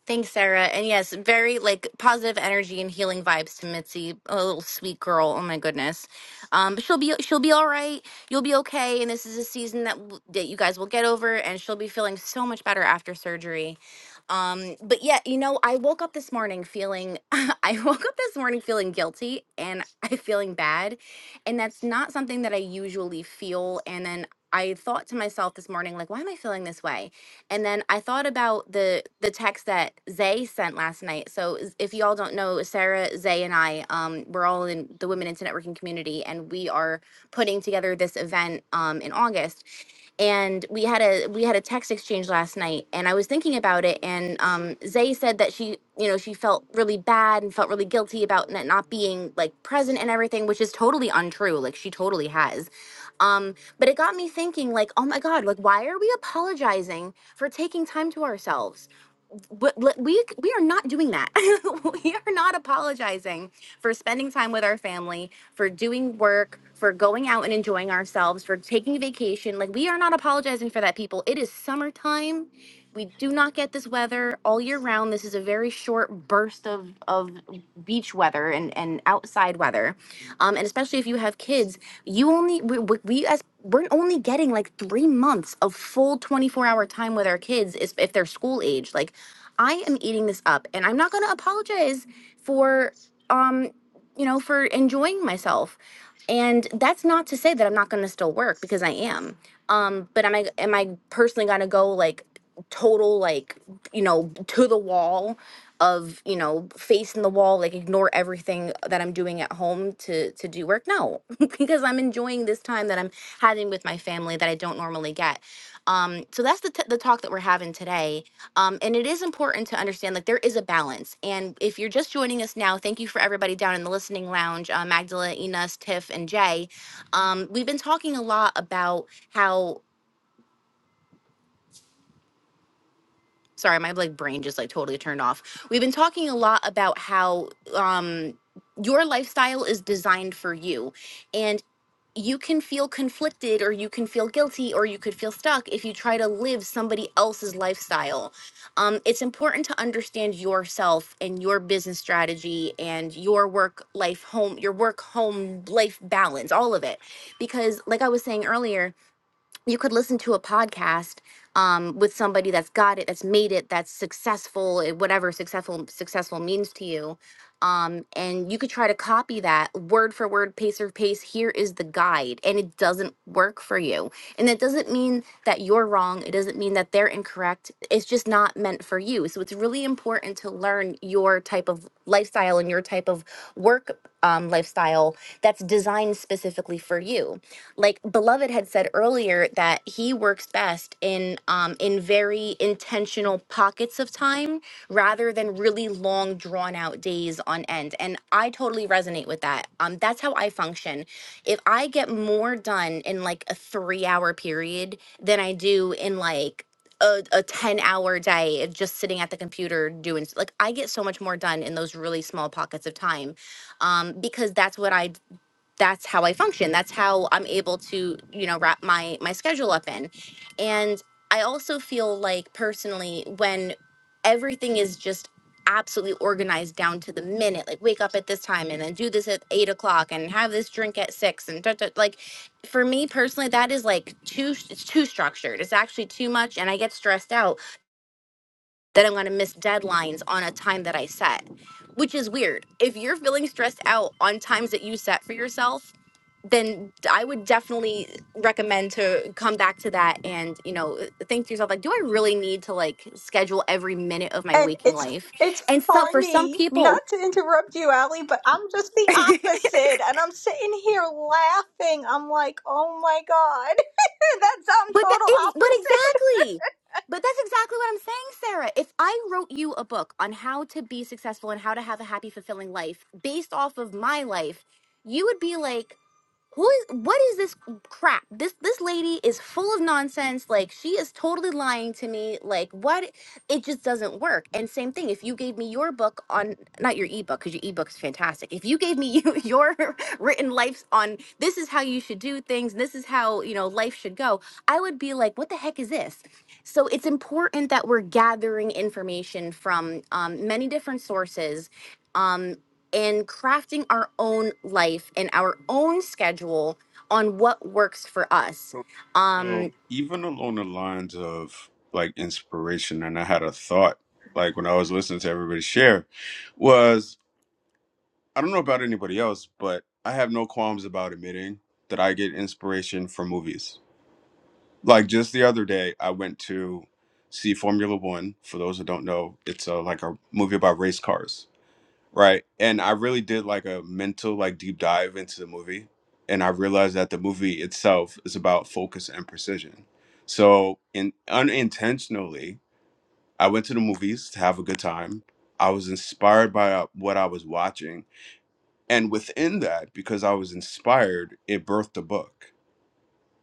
[SPEAKER 1] Thanks, Sarah. And yes, very like positive energy and healing vibes to Mitzi, a little sweet girl. Oh my goodness, um, but she'll be she'll be all right. You'll be okay, and this is a season that w- that you guys will get over, and she'll be feeling so much better after surgery. Um, but yeah, you know, I woke up this morning feeling I woke up this morning feeling guilty and I feeling bad, and that's not something that I usually feel. And then I thought to myself this morning, like, why am I feeling this way? And then I thought about the the text that Zay sent last night. So z- if y'all don't know, Sarah, Zay, and I, um, we're all in the Women into Networking community, and we are putting together this event um, in August. And we had a we had a text exchange last night, and I was thinking about it. And um, Zay said that she, you know, she felt really bad and felt really guilty about n- not being like present and everything, which is totally untrue. Like she totally has. Um, but it got me thinking, like, oh my God, like why are we apologizing? for taking time to ourselves but we we are not doing that. we are not apologizing for spending time with our family, for doing work, for going out and enjoying ourselves, for taking vacation. Like we are not apologizing for that, people. It is summertime. We do not get this weather all year round. This is a very short burst of of beach weather and and outside weather, um, and especially if you have kids, you only we, we, we as we're only getting like three months of full 24 hour time with our kids is if they're school age like I am eating this up and I'm not going to apologize for um you know for enjoying myself. And that's not to say that I'm not going to still work because I am. Um but am I am I personally going to go like total like you know to the wall of you know face in the wall like ignore everything that i'm doing at home to to do work no because i'm enjoying this time that i'm having with my family that i don't normally get um so that's the, t- the talk that we're having today um, and it is important to understand like there is a balance. And if you're just joining us now, thank you for everybody down in the listening lounge, uh, Magdala, Enos, Tiff, and Jay. Um, we've been talking a lot about how. Sorry, my like brain just like totally turned off. We've been talking a lot about how um, your lifestyle is designed for you, and. you can feel conflicted or you can feel guilty or you could feel stuck if you try to live somebody else's lifestyle. Um, it's important to understand yourself and your business strategy and your work life home, your work home life balance, all of it. Because, like I was saying earlier, you could listen to a podcast um, with somebody that's got it, that's made it, that's successful, eh, whatever successful successful means to you, um, and you could try to copy that word for word, pace for pace. Here is the guide, and it doesn't work for you. And it doesn't mean that you're wrong. It doesn't mean that they're incorrect. It's just not meant for you. So it's really important to learn your type of lifestyle and your type of work um, lifestyle that's designed specifically for you. Like Beloved had said earlier that he works best in um, in very intentional pockets of time rather than really long drawn out days on end. And I totally resonate with that. Um, that's how I function. If I get more done in like a three hour period than I do in like a, a 10 hour day of just sitting at the computer doing s- like i get so much more done in those really small pockets of time um, because that's what I that's how I function. That's how I'm able to you know wrap my my schedule up in, and I also feel like personally when everything is just absolutely organized down to the minute like wake up at this time and then do this at eight o'clock and have this drink at six and da, da, like for me personally that is like too it's too structured it's actually too much and i get stressed out that I'm going to miss deadlines on a time that I set, which is weird. If you're feeling stressed out on times that you set for yourself, then I would definitely recommend to come back to that and, you know, think to yourself, like, do I really need to like schedule every minute of my
[SPEAKER 4] And
[SPEAKER 1] waking
[SPEAKER 4] it's
[SPEAKER 1] life?
[SPEAKER 4] it's
[SPEAKER 1] And so for some
[SPEAKER 4] funny not
[SPEAKER 1] people,
[SPEAKER 4] to interrupt you, Allie, but I'm just the
[SPEAKER 1] but
[SPEAKER 4] opposite, and I'm sitting here laughing. I'm like, oh my god, that's I'm
[SPEAKER 1] that,
[SPEAKER 4] total
[SPEAKER 1] ex- but
[SPEAKER 4] opposite.
[SPEAKER 1] exactly. But that's exactly what I'm saying, Sarah. If I wrote you a book on how to be successful and how to have a happy, fulfilling life based off of my life, you would be like, who is what is this crap this this lady is full of nonsense like she is totally lying to me like what it just doesn't work and same thing if you gave me your book on not your ebook because your ebook is fantastic if you gave me you, your written life on this is how you should do things this is how you know life should go i would be like what the heck is this so it's important that we're gathering information from um, many different sources Um, in crafting our own life and our own schedule on what works for us.
[SPEAKER 2] So,
[SPEAKER 1] Um,
[SPEAKER 2] so even along the lines of like inspiration, and I had a thought, like when I was listening to everybody share, was I don't know about anybody else, but I have no qualms about admitting that I get inspiration from movies. Like just the other day, I went to see Formula One. For those who don't know, it's uh like a movie about race cars Right. And I really did like a mental like deep dive into the movie and I realized that the movie itself is about focus and precision. So, in unintentionally, I went to the movies to have a good time. I was inspired by uh, what I was watching, and within that because I was inspired, it birthed a book.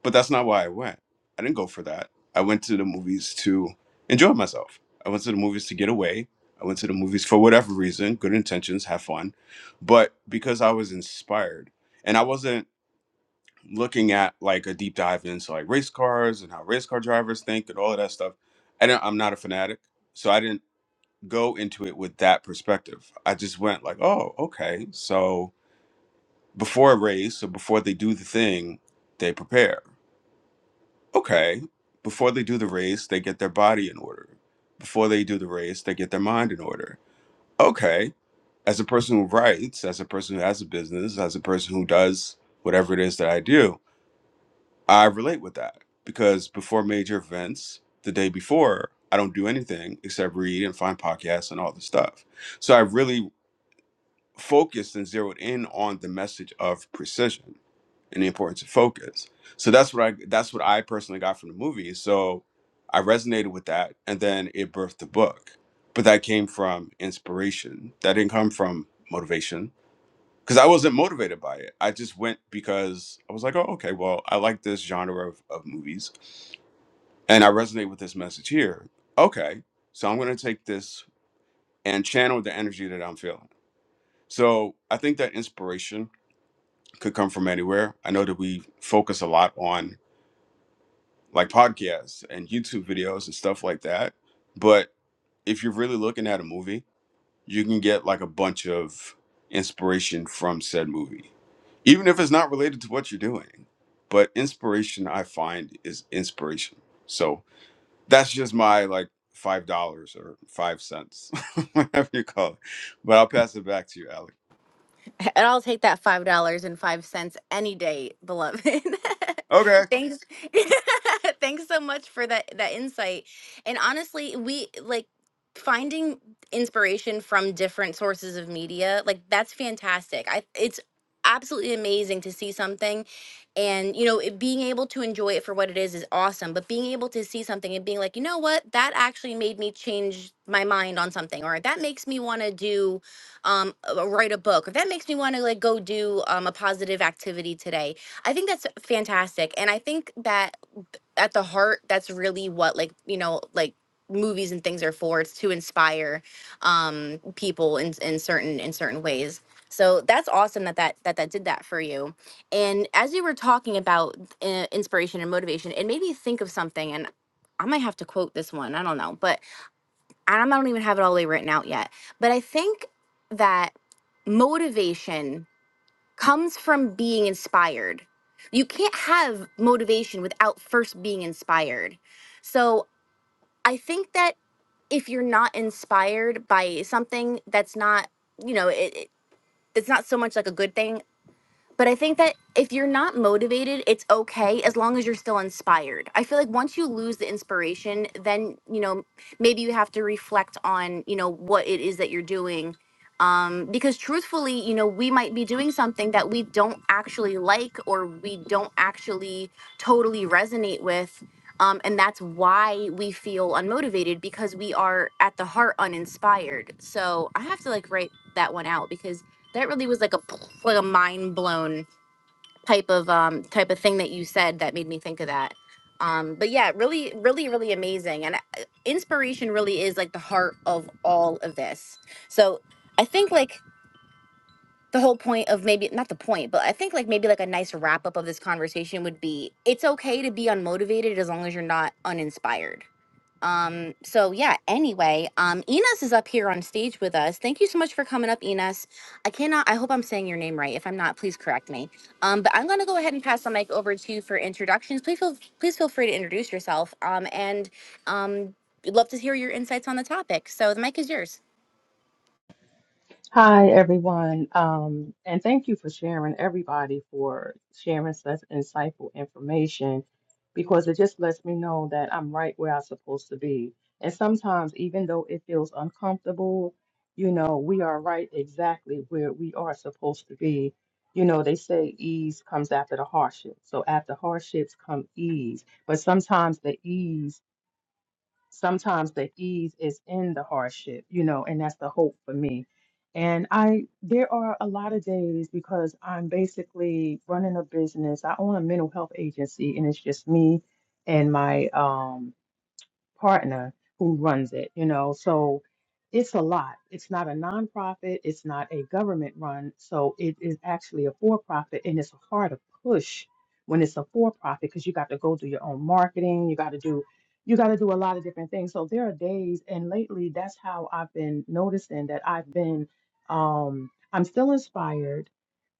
[SPEAKER 2] But that's not why I went. I didn't go for that. I went to the movies to enjoy myself. I went to the movies to get away. I went to the movies for whatever reason, good intentions, have fun, but because I was inspired. And I wasn't looking at like a deep dive into like race cars and how race car drivers think and all of that stuff. I didn't I'm not a fanatic, so I didn't go into it with that perspective. I just went like, "Oh, okay. So before a race or before they do the thing, they prepare okay, before they do the race, they get their body in order. Before they do the race, they get their mind in order. Okay, as a person who writes, as a person who has a business, as a person who does whatever it is that I do, I relate with that because before major events, the day before, I don't do anything except read and find podcasts and all this stuff. So I really focused and zeroed in on the message of precision and the importance of focus. So that's what I that's what I personally got from the movie. So I resonated with that, and then it birthed the book. But that came from inspiration. That didn't come from motivation because I wasn't motivated by it. I just went because I was like, oh, okay, well, I like this genre of, of movies, and I resonate with this message here. Okay, so I'm gonna take this and channel the energy that I'm feeling. So I think that inspiration could come from anywhere. I know that we focus a lot on like podcasts and YouTube videos and stuff like that. But if you're really looking at a movie, you can get like a bunch of inspiration from said movie, even if it's not related to what you're doing. But inspiration, I find, is inspiration. So that's just my like five dollars or five cents, whatever you call it. But I'll pass it back to you, Alec.
[SPEAKER 1] And I'll take that five dollars and five cents any day, beloved.
[SPEAKER 2] Okay.
[SPEAKER 1] Thanks. Thanks so much for that that insight. And honestly, we like finding inspiration from different sources of media. Like that's fantastic. I it's absolutely amazing to see something and you know it, being able to enjoy it for what it is is awesome but being able to see something and being like you know what that actually made me change my mind on something or that makes me want to do um uh, write a book if that makes me want to like go do um a positive activity today i think that's fantastic and i think that at the heart that's really what like you know like movies and things are for it's to inspire um people in in certain in certain ways so that's awesome that that that, that did that for you and as you were talking about uh, inspiration and motivation it made me think of something and i might have to quote this one i don't know but and I don't even have it all the way written out yet, but I think that motivation comes from being inspired. You can't have motivation without first being inspired. So I think that if you're not inspired by something that's not, you know, it, it, it's not so much like a good thing but I think that if you're not motivated, it's okay as long as you're still inspired. I feel like once you lose the inspiration, then, you know, maybe you have to reflect on, you know, what it is that you're doing. Um, because truthfully, you know, we might be doing something that we don't actually like or we don't actually totally resonate with. Um, and that's why we feel unmotivated because we are at the heart uninspired. So I have to like write that one out because that really was like a like a mind blown type of um type of thing that you said that made me think of that um but yeah really really really amazing and uh, inspiration really is like the heart of all of this so i think like the whole point of maybe not the point but i think like maybe like a nice wrap up of this conversation would be it's okay to be unmotivated as long as you're not uninspired um, so yeah, anyway, um, Enos is up here on stage with us. Thank you so much for coming up, Enos. I cannot, I hope I'm saying your name right. If I'm not, please correct me. Um, but I'm gonna go ahead and pass the mic over to you for introductions. Please feel, please feel free to introduce yourself. Um, and, um, we'd love to hear your insights on the topic. So the mic is yours.
[SPEAKER 5] Hi, everyone. Um, and thank you for sharing, everybody, for sharing such insightful information because it just lets me know that I'm right where I'm supposed to be. And sometimes, even though it feels uncomfortable, you know, we are right exactly where we are supposed to be. You know, they say ease comes after the hardship. So after hardships come ease. But sometimes the ease sometimes the ease is in the hardship, you know, and that's the hope for me. And I, there are a lot of days because I'm basically running a business. I own a mental health agency, and it's just me and my um, partner who runs it, you know. So it's a lot. It's not a nonprofit, it's not a government run. So it is actually a for profit and it's hard to push when it's a for profit because you got to go do your own marketing, you got to do you got to do a lot of different things. So there are days and lately that's how I've been noticing that I've been um I'm still inspired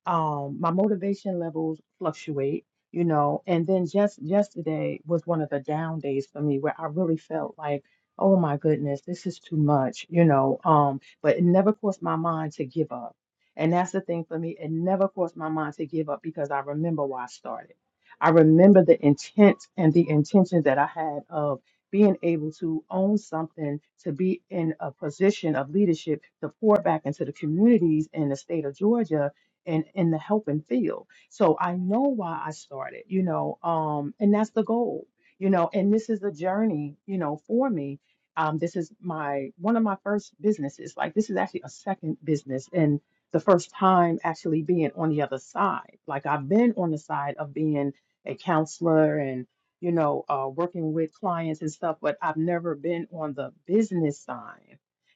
[SPEAKER 5] um my motivation levels fluctuate you know and then just yesterday was one of the down days for me where I really felt like oh my goodness this is too much you know um but it never crossed my mind to give up and that's the thing for me it never crossed my mind to give up because I remember why I started I remember the intent and the intention that I had of being able to own something to be in a position of leadership to pour back into the communities in the state of Georgia in in the helping field. So I know why I started, you know, um, and that's the goal, you know, and this is a journey, you know, for me. Um, this is my one of my first businesses. Like this is actually a second business and the first time actually being on the other side. Like I've been on the side of being a counselor and you know uh, working with clients and stuff, but I've never been on the business side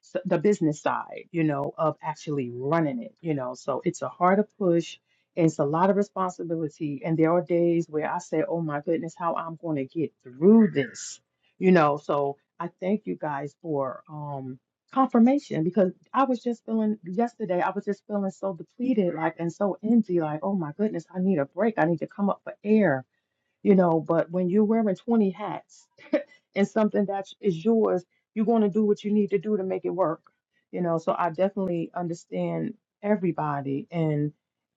[SPEAKER 5] s- the business side, you know, of actually running it, you know. So it's a harder push and it's a lot of responsibility. And there are days where I say, oh my goodness, how I'm going to get through this, you know. So I thank you guys for um confirmation because I was just feeling yesterday, I was just feeling so depleted, like, and so empty, like, oh my goodness, I need a break. I need to come up for air, you know. But when you're wearing 20 hats, and something that is yours, you're going to do what you need to do to make it work. You know, so I definitely understand everybody and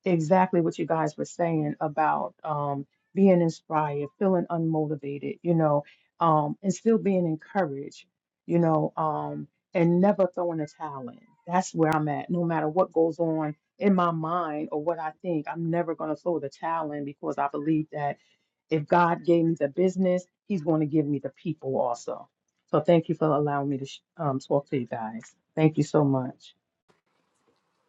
[SPEAKER 5] exactly what you guys were saying about um, being inspired, feeling unmotivated, you know, um, and still being encouraged, you know, um, and never throwing a towel in. That's where I'm at. No matter what goes on in my mind or what I think, I'm never going to throw the towel in because I believe that if God gave me the business, He's going to give me the people also. So thank you for allowing me to sh- um, talk to you guys. Thank you so much.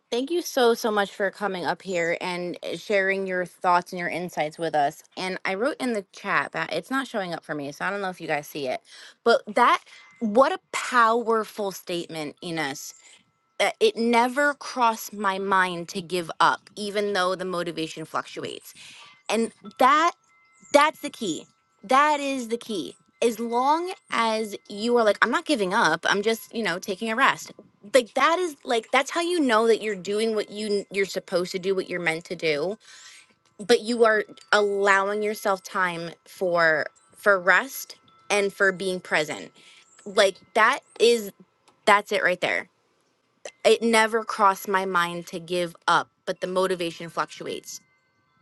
[SPEAKER 1] Thank you so, so much for coming up here and uh, sharing your thoughts and your insights with us. And I wrote in the chat that it's not showing up for me, so I don't know if you guys see it. But that, what a powerful statement, Ines. Uh, It never crossed my mind to give up, even though the motivation fluctuates. And that that's the key. That is the key. As long as you are like, I'm not giving up. I'm just, you know, taking a rest. Like that is like that's how you know that you're doing what you you're supposed to do, what you're meant to do. But you are allowing yourself time for for rest and for being present. Like that is that's it right there. It never crossed my mind to give up, but the motivation fluctuates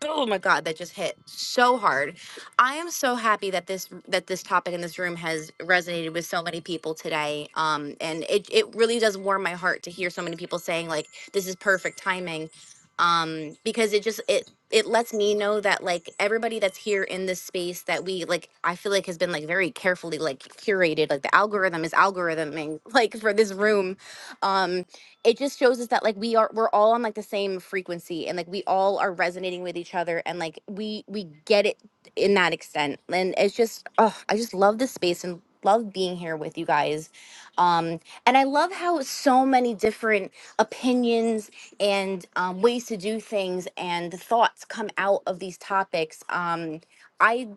[SPEAKER 1] oh my god that just hit so hard i am so happy that this that this topic in this room has resonated with so many people today um and it it really does warm my heart to hear so many people saying like this is perfect timing um because it just it it lets me know that like everybody that's here in this space that we like i feel like has been like very carefully like curated like the algorithm is algorithming like for this room um it just shows us that like we are we're all on like the same frequency and like we all are resonating with each other and like we we get it in that extent and it's just oh i just love this space and love being here with you guys um and i love how so many different opinions and um, ways to do things and thoughts come out of these topics um I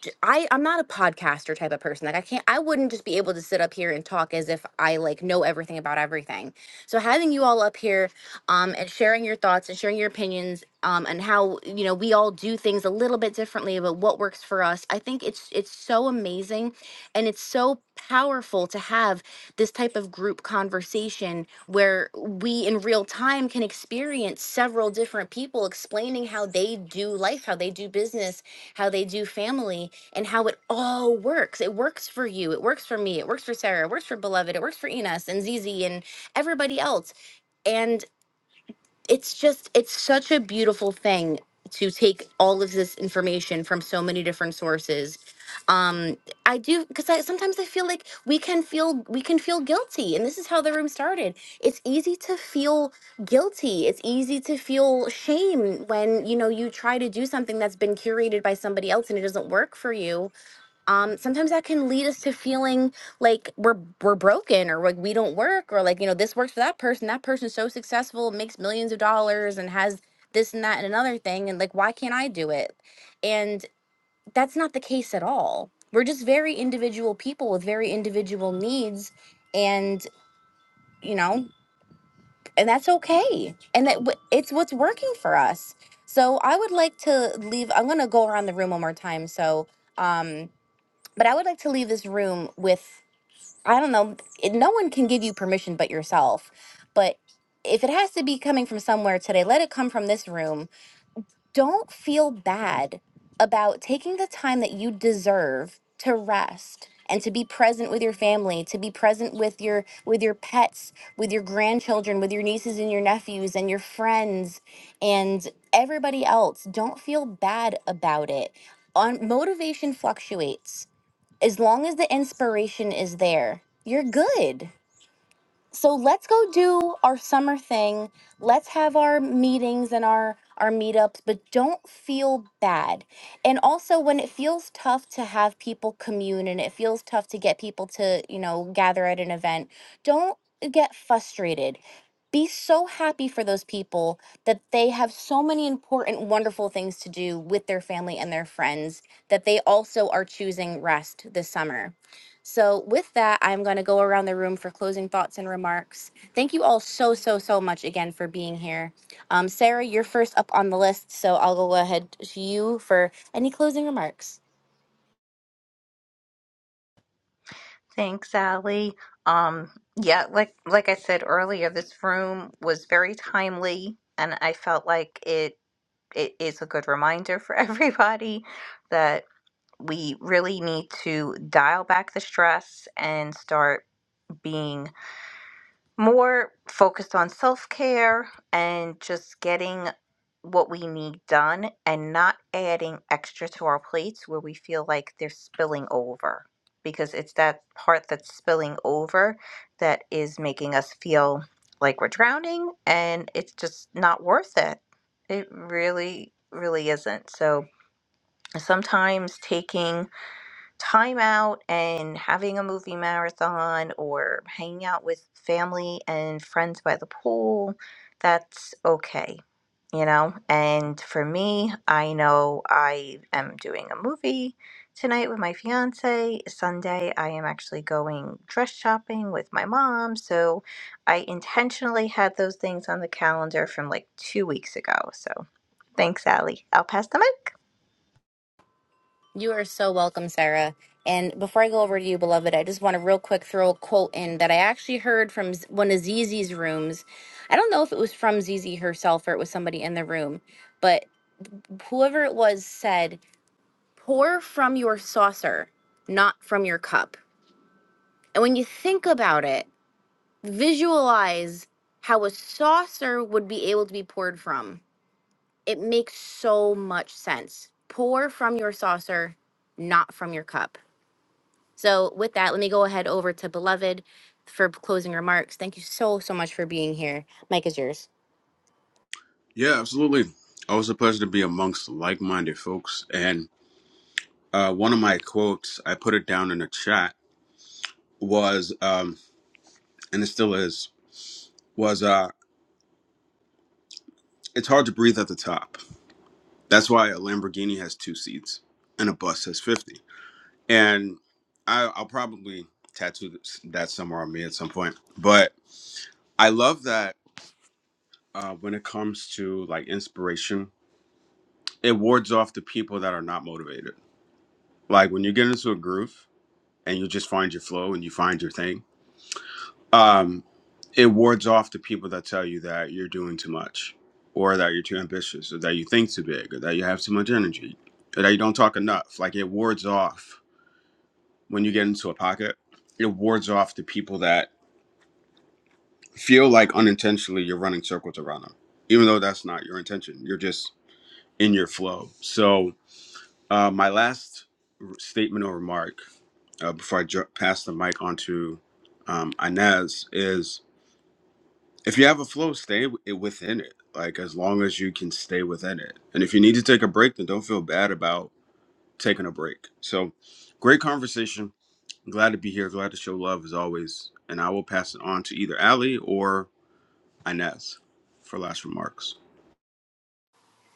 [SPEAKER 1] d- I I'm not a podcaster type of person. Like I can't I wouldn't just be able to sit up here and talk as if I like know everything about everything. So having you all up here um and sharing your thoughts and sharing your opinions um and how you know we all do things a little bit differently but what works for us. I think it's it's so amazing and it's so powerful to have this type of group conversation where we in real time can experience several different people explaining how they do life, how they do business, how they do family and how it all works. It works for you. It works for me. It works for Sarah. It works for Beloved. It works for Enos and Zizi and everybody else. And it's just, it's such a beautiful thing to take all of this information from so many different sources. Um, I do because I sometimes I feel like we can feel we can feel guilty, and this is how the room started. It's easy to feel guilty. It's easy to feel shame when you know you try to do something that's been curated by somebody else and it doesn't work for you um, sometimes that can lead us to feeling like we're we're broken or like we don't work or like you know this works for that person that person's so successful makes millions of dollars and has this and that and another thing and like why can't i do it and that's not the case at all we're just very individual people with very individual needs and you know and that's okay and that w- it's what's working for us so i would like to leave i'm going to go around the room one more time so um but I would like to leave this room with I don't know, it- no one can give you permission but yourself. But if it has to be coming from somewhere today, let it come from this room. Don't feel bad about taking the time that you deserve to rest and to be present with your family, to be present with your with your pets, with your grandchildren, with your nieces and your nephews and your friends and everybody else. Don't feel bad about it. On motivation fluctuates as long as the inspiration is there, you're good. So let's go do our summer thing. Let's have our meetings and our our meetups, but don't feel bad. And also when it feels tough to have people commune and it feels tough to get people to, you know, gather at an event, don't get frustrated. Be so happy for those people that they have so many important, wonderful things to do with their family and their friends that they also are choosing rest this summer. So, with that, I'm going to go around the room for closing thoughts and remarks. Thank you all so, so, so much again for being here. Um, Sarah, you're first up on the list, so I'll go ahead to you for any closing remarks.
[SPEAKER 4] Thanks, Ally. Um, yeah, like like I said earlier, this room was very timely, and I felt like it it is a good reminder for everybody that we really need to dial back the stress and start being more focused on self care and just getting what we need done and not adding extra to our plates where we feel like they're spilling over because it's that part that's spilling over that is making us feel like we're drowning and it's just not worth it. It really, really isn't. So sometimes taking time out and having a movie marathon or hanging out with family and friends by the pool, that's okay, you know? And for me, I know I am doing a movie tonight with my fiance. Sunday, I am actually going dress shopping with my mom. So I intentionally had those things on the calendar from like two weeks ago. So thanks, Allie. I'll pass the mic.
[SPEAKER 1] You are so welcome, Sarah. And before I go over to you, beloved, I just want to real quick throw a quote in that I actually heard from Z- one of Zizi's rooms. I don't know if it was from Zizi herself or it was somebody in the room, but whoever it was said, pour from your saucer, not from your cup And when you think about it, visualize how a saucer would be able to be poured from. It makes so much sense. Pour from your saucer, not from your cup. So, with that, let me go ahead over to Beloved for closing remarks. Thank you so, so much for being here. Mike is yours.
[SPEAKER 2] Yeah, absolutely. Always a pleasure to be amongst like minded folks. And uh, one of my quotes, I put it down in the chat. was um and it still is was uh it's hard to breathe at the top that's why a lamborghini has two seats and a bus has 50 and I, i'll probably tattoo this, that somewhere on me at some point but i love that uh, when it comes to like inspiration it wards off the people that are not motivated like when you get into a groove and you just find your flow and you find your thing Um, it wards off the people that tell you that you're doing too much, or that you're too ambitious, or that you think too big, or that you have too much energy, or that you don't talk enough. Like it wards off when you get into a pocket. It wards off the people that feel like unintentionally you're running circles around them, even though that's not your intention. You're just in your flow. So uh, my last r- statement or remark uh, before I ju- pass the mic on to um, Inez is if you have a flow, stay w- it within it. Like as long as you can stay within it, and if you need to take a break, then don't feel bad about taking a break. So, great conversation. I'm glad to be here. Glad to show love as always. And I will pass it on to either Ali or Inez for last remarks.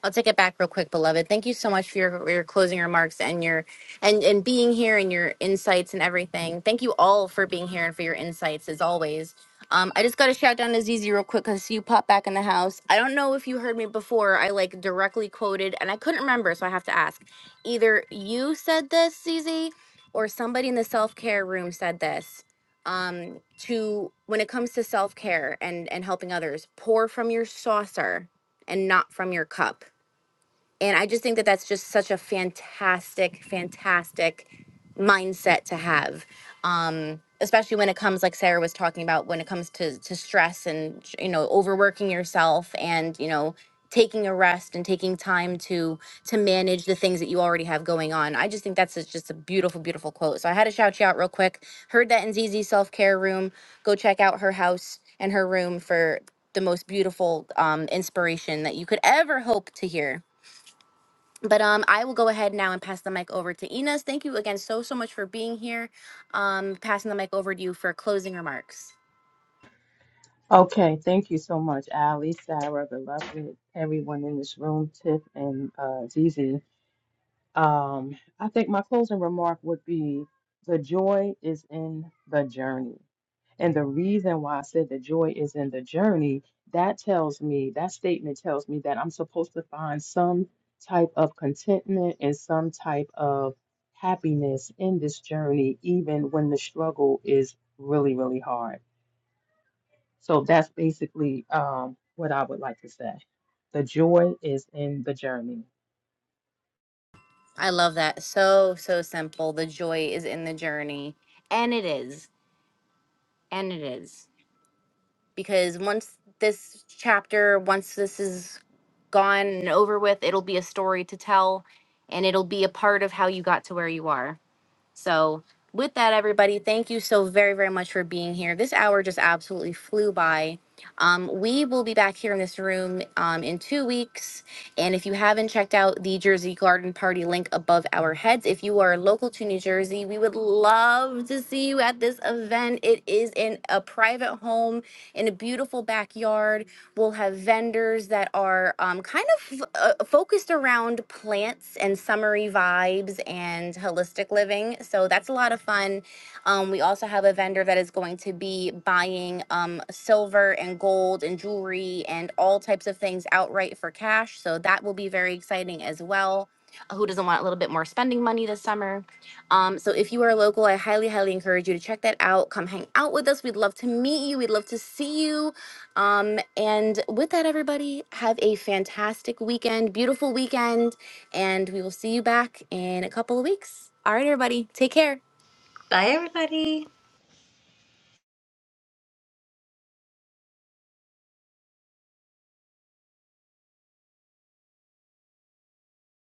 [SPEAKER 1] I'll take it back real quick, beloved. Thank you so much for your, your closing remarks and your and and being here and your insights and everything. Thank you all for being here and for your insights as always. Um, I just got to shout down to Zizi real quick because you popped back in the house. I don't know if you heard me before. I like directly quoted and I couldn't remember, so I have to ask. Either you said this, Zizi, or somebody in the self care room said this. Um, to when it comes to self care and and helping others, pour from your saucer and not from your cup and I just think that that's just such a fantastic, fantastic mindset to have. Um, especially when it comes like Sarah was talking about when it comes to to stress and you know overworking yourself and you know taking a rest and taking time to to manage the things that you already have going on. I just think that's a- just a beautiful beautiful quote. So I had to shout you out real quick. Heard that in ZZ Self-Care Room. Go check out her house and her room for the most beautiful um, inspiration that you could ever hope to hear but um, I will go ahead now and pass the mic over to Enos. Thank you again so so much for being here. Um, passing the mic over to you for closing remarks.
[SPEAKER 5] Okay, thank you so much, Ali, Sarah, the lovely everyone in this room, Tiff and uh, Zizi. Um, I think my closing remark would be the joy is in the journey. And the reason why I said the joy is in the journey, that tells me, that statement tells me that I'm supposed to find some type of contentment and some type of happiness in this journey, even when the struggle is really, really hard. So that's basically um, what I would like to say. The joy is in the journey.
[SPEAKER 1] I love that. So so simple. The joy is in the journey, and it is, and it is because once this chapter, once this is gone and over with, it'll be a story to tell, and it'll be a part of how you got to where you are. So, with that, everybody, thank you so very, very much for being here. This hour just absolutely flew by. Um, we will be back here in this room um, in two weeks. And if you haven't checked out the Jersey Garden Party link above our heads, if you are local to New Jersey, we would love to see you at this event. It is in a private home in a beautiful backyard. We'll have vendors that are um, kind of uh, focused around plants and summery vibes and holistic living. So that's a lot of fun. Um, we also have a vendor that is going to be buying um, silver and gold and jewelry and all types of things outright for cash. So that will be very exciting as well. Who doesn't want a little bit more spending money this summer? Um, so if you are local, I highly, highly encourage you to check that out. Come hang out with us. We'd love to meet you. We'd love to see you. Um, and with that, everybody, have a fantastic weekend, beautiful weekend, and we will see you back in a couple of weeks. All right, everybody, take care.
[SPEAKER 4] Bye, everybody.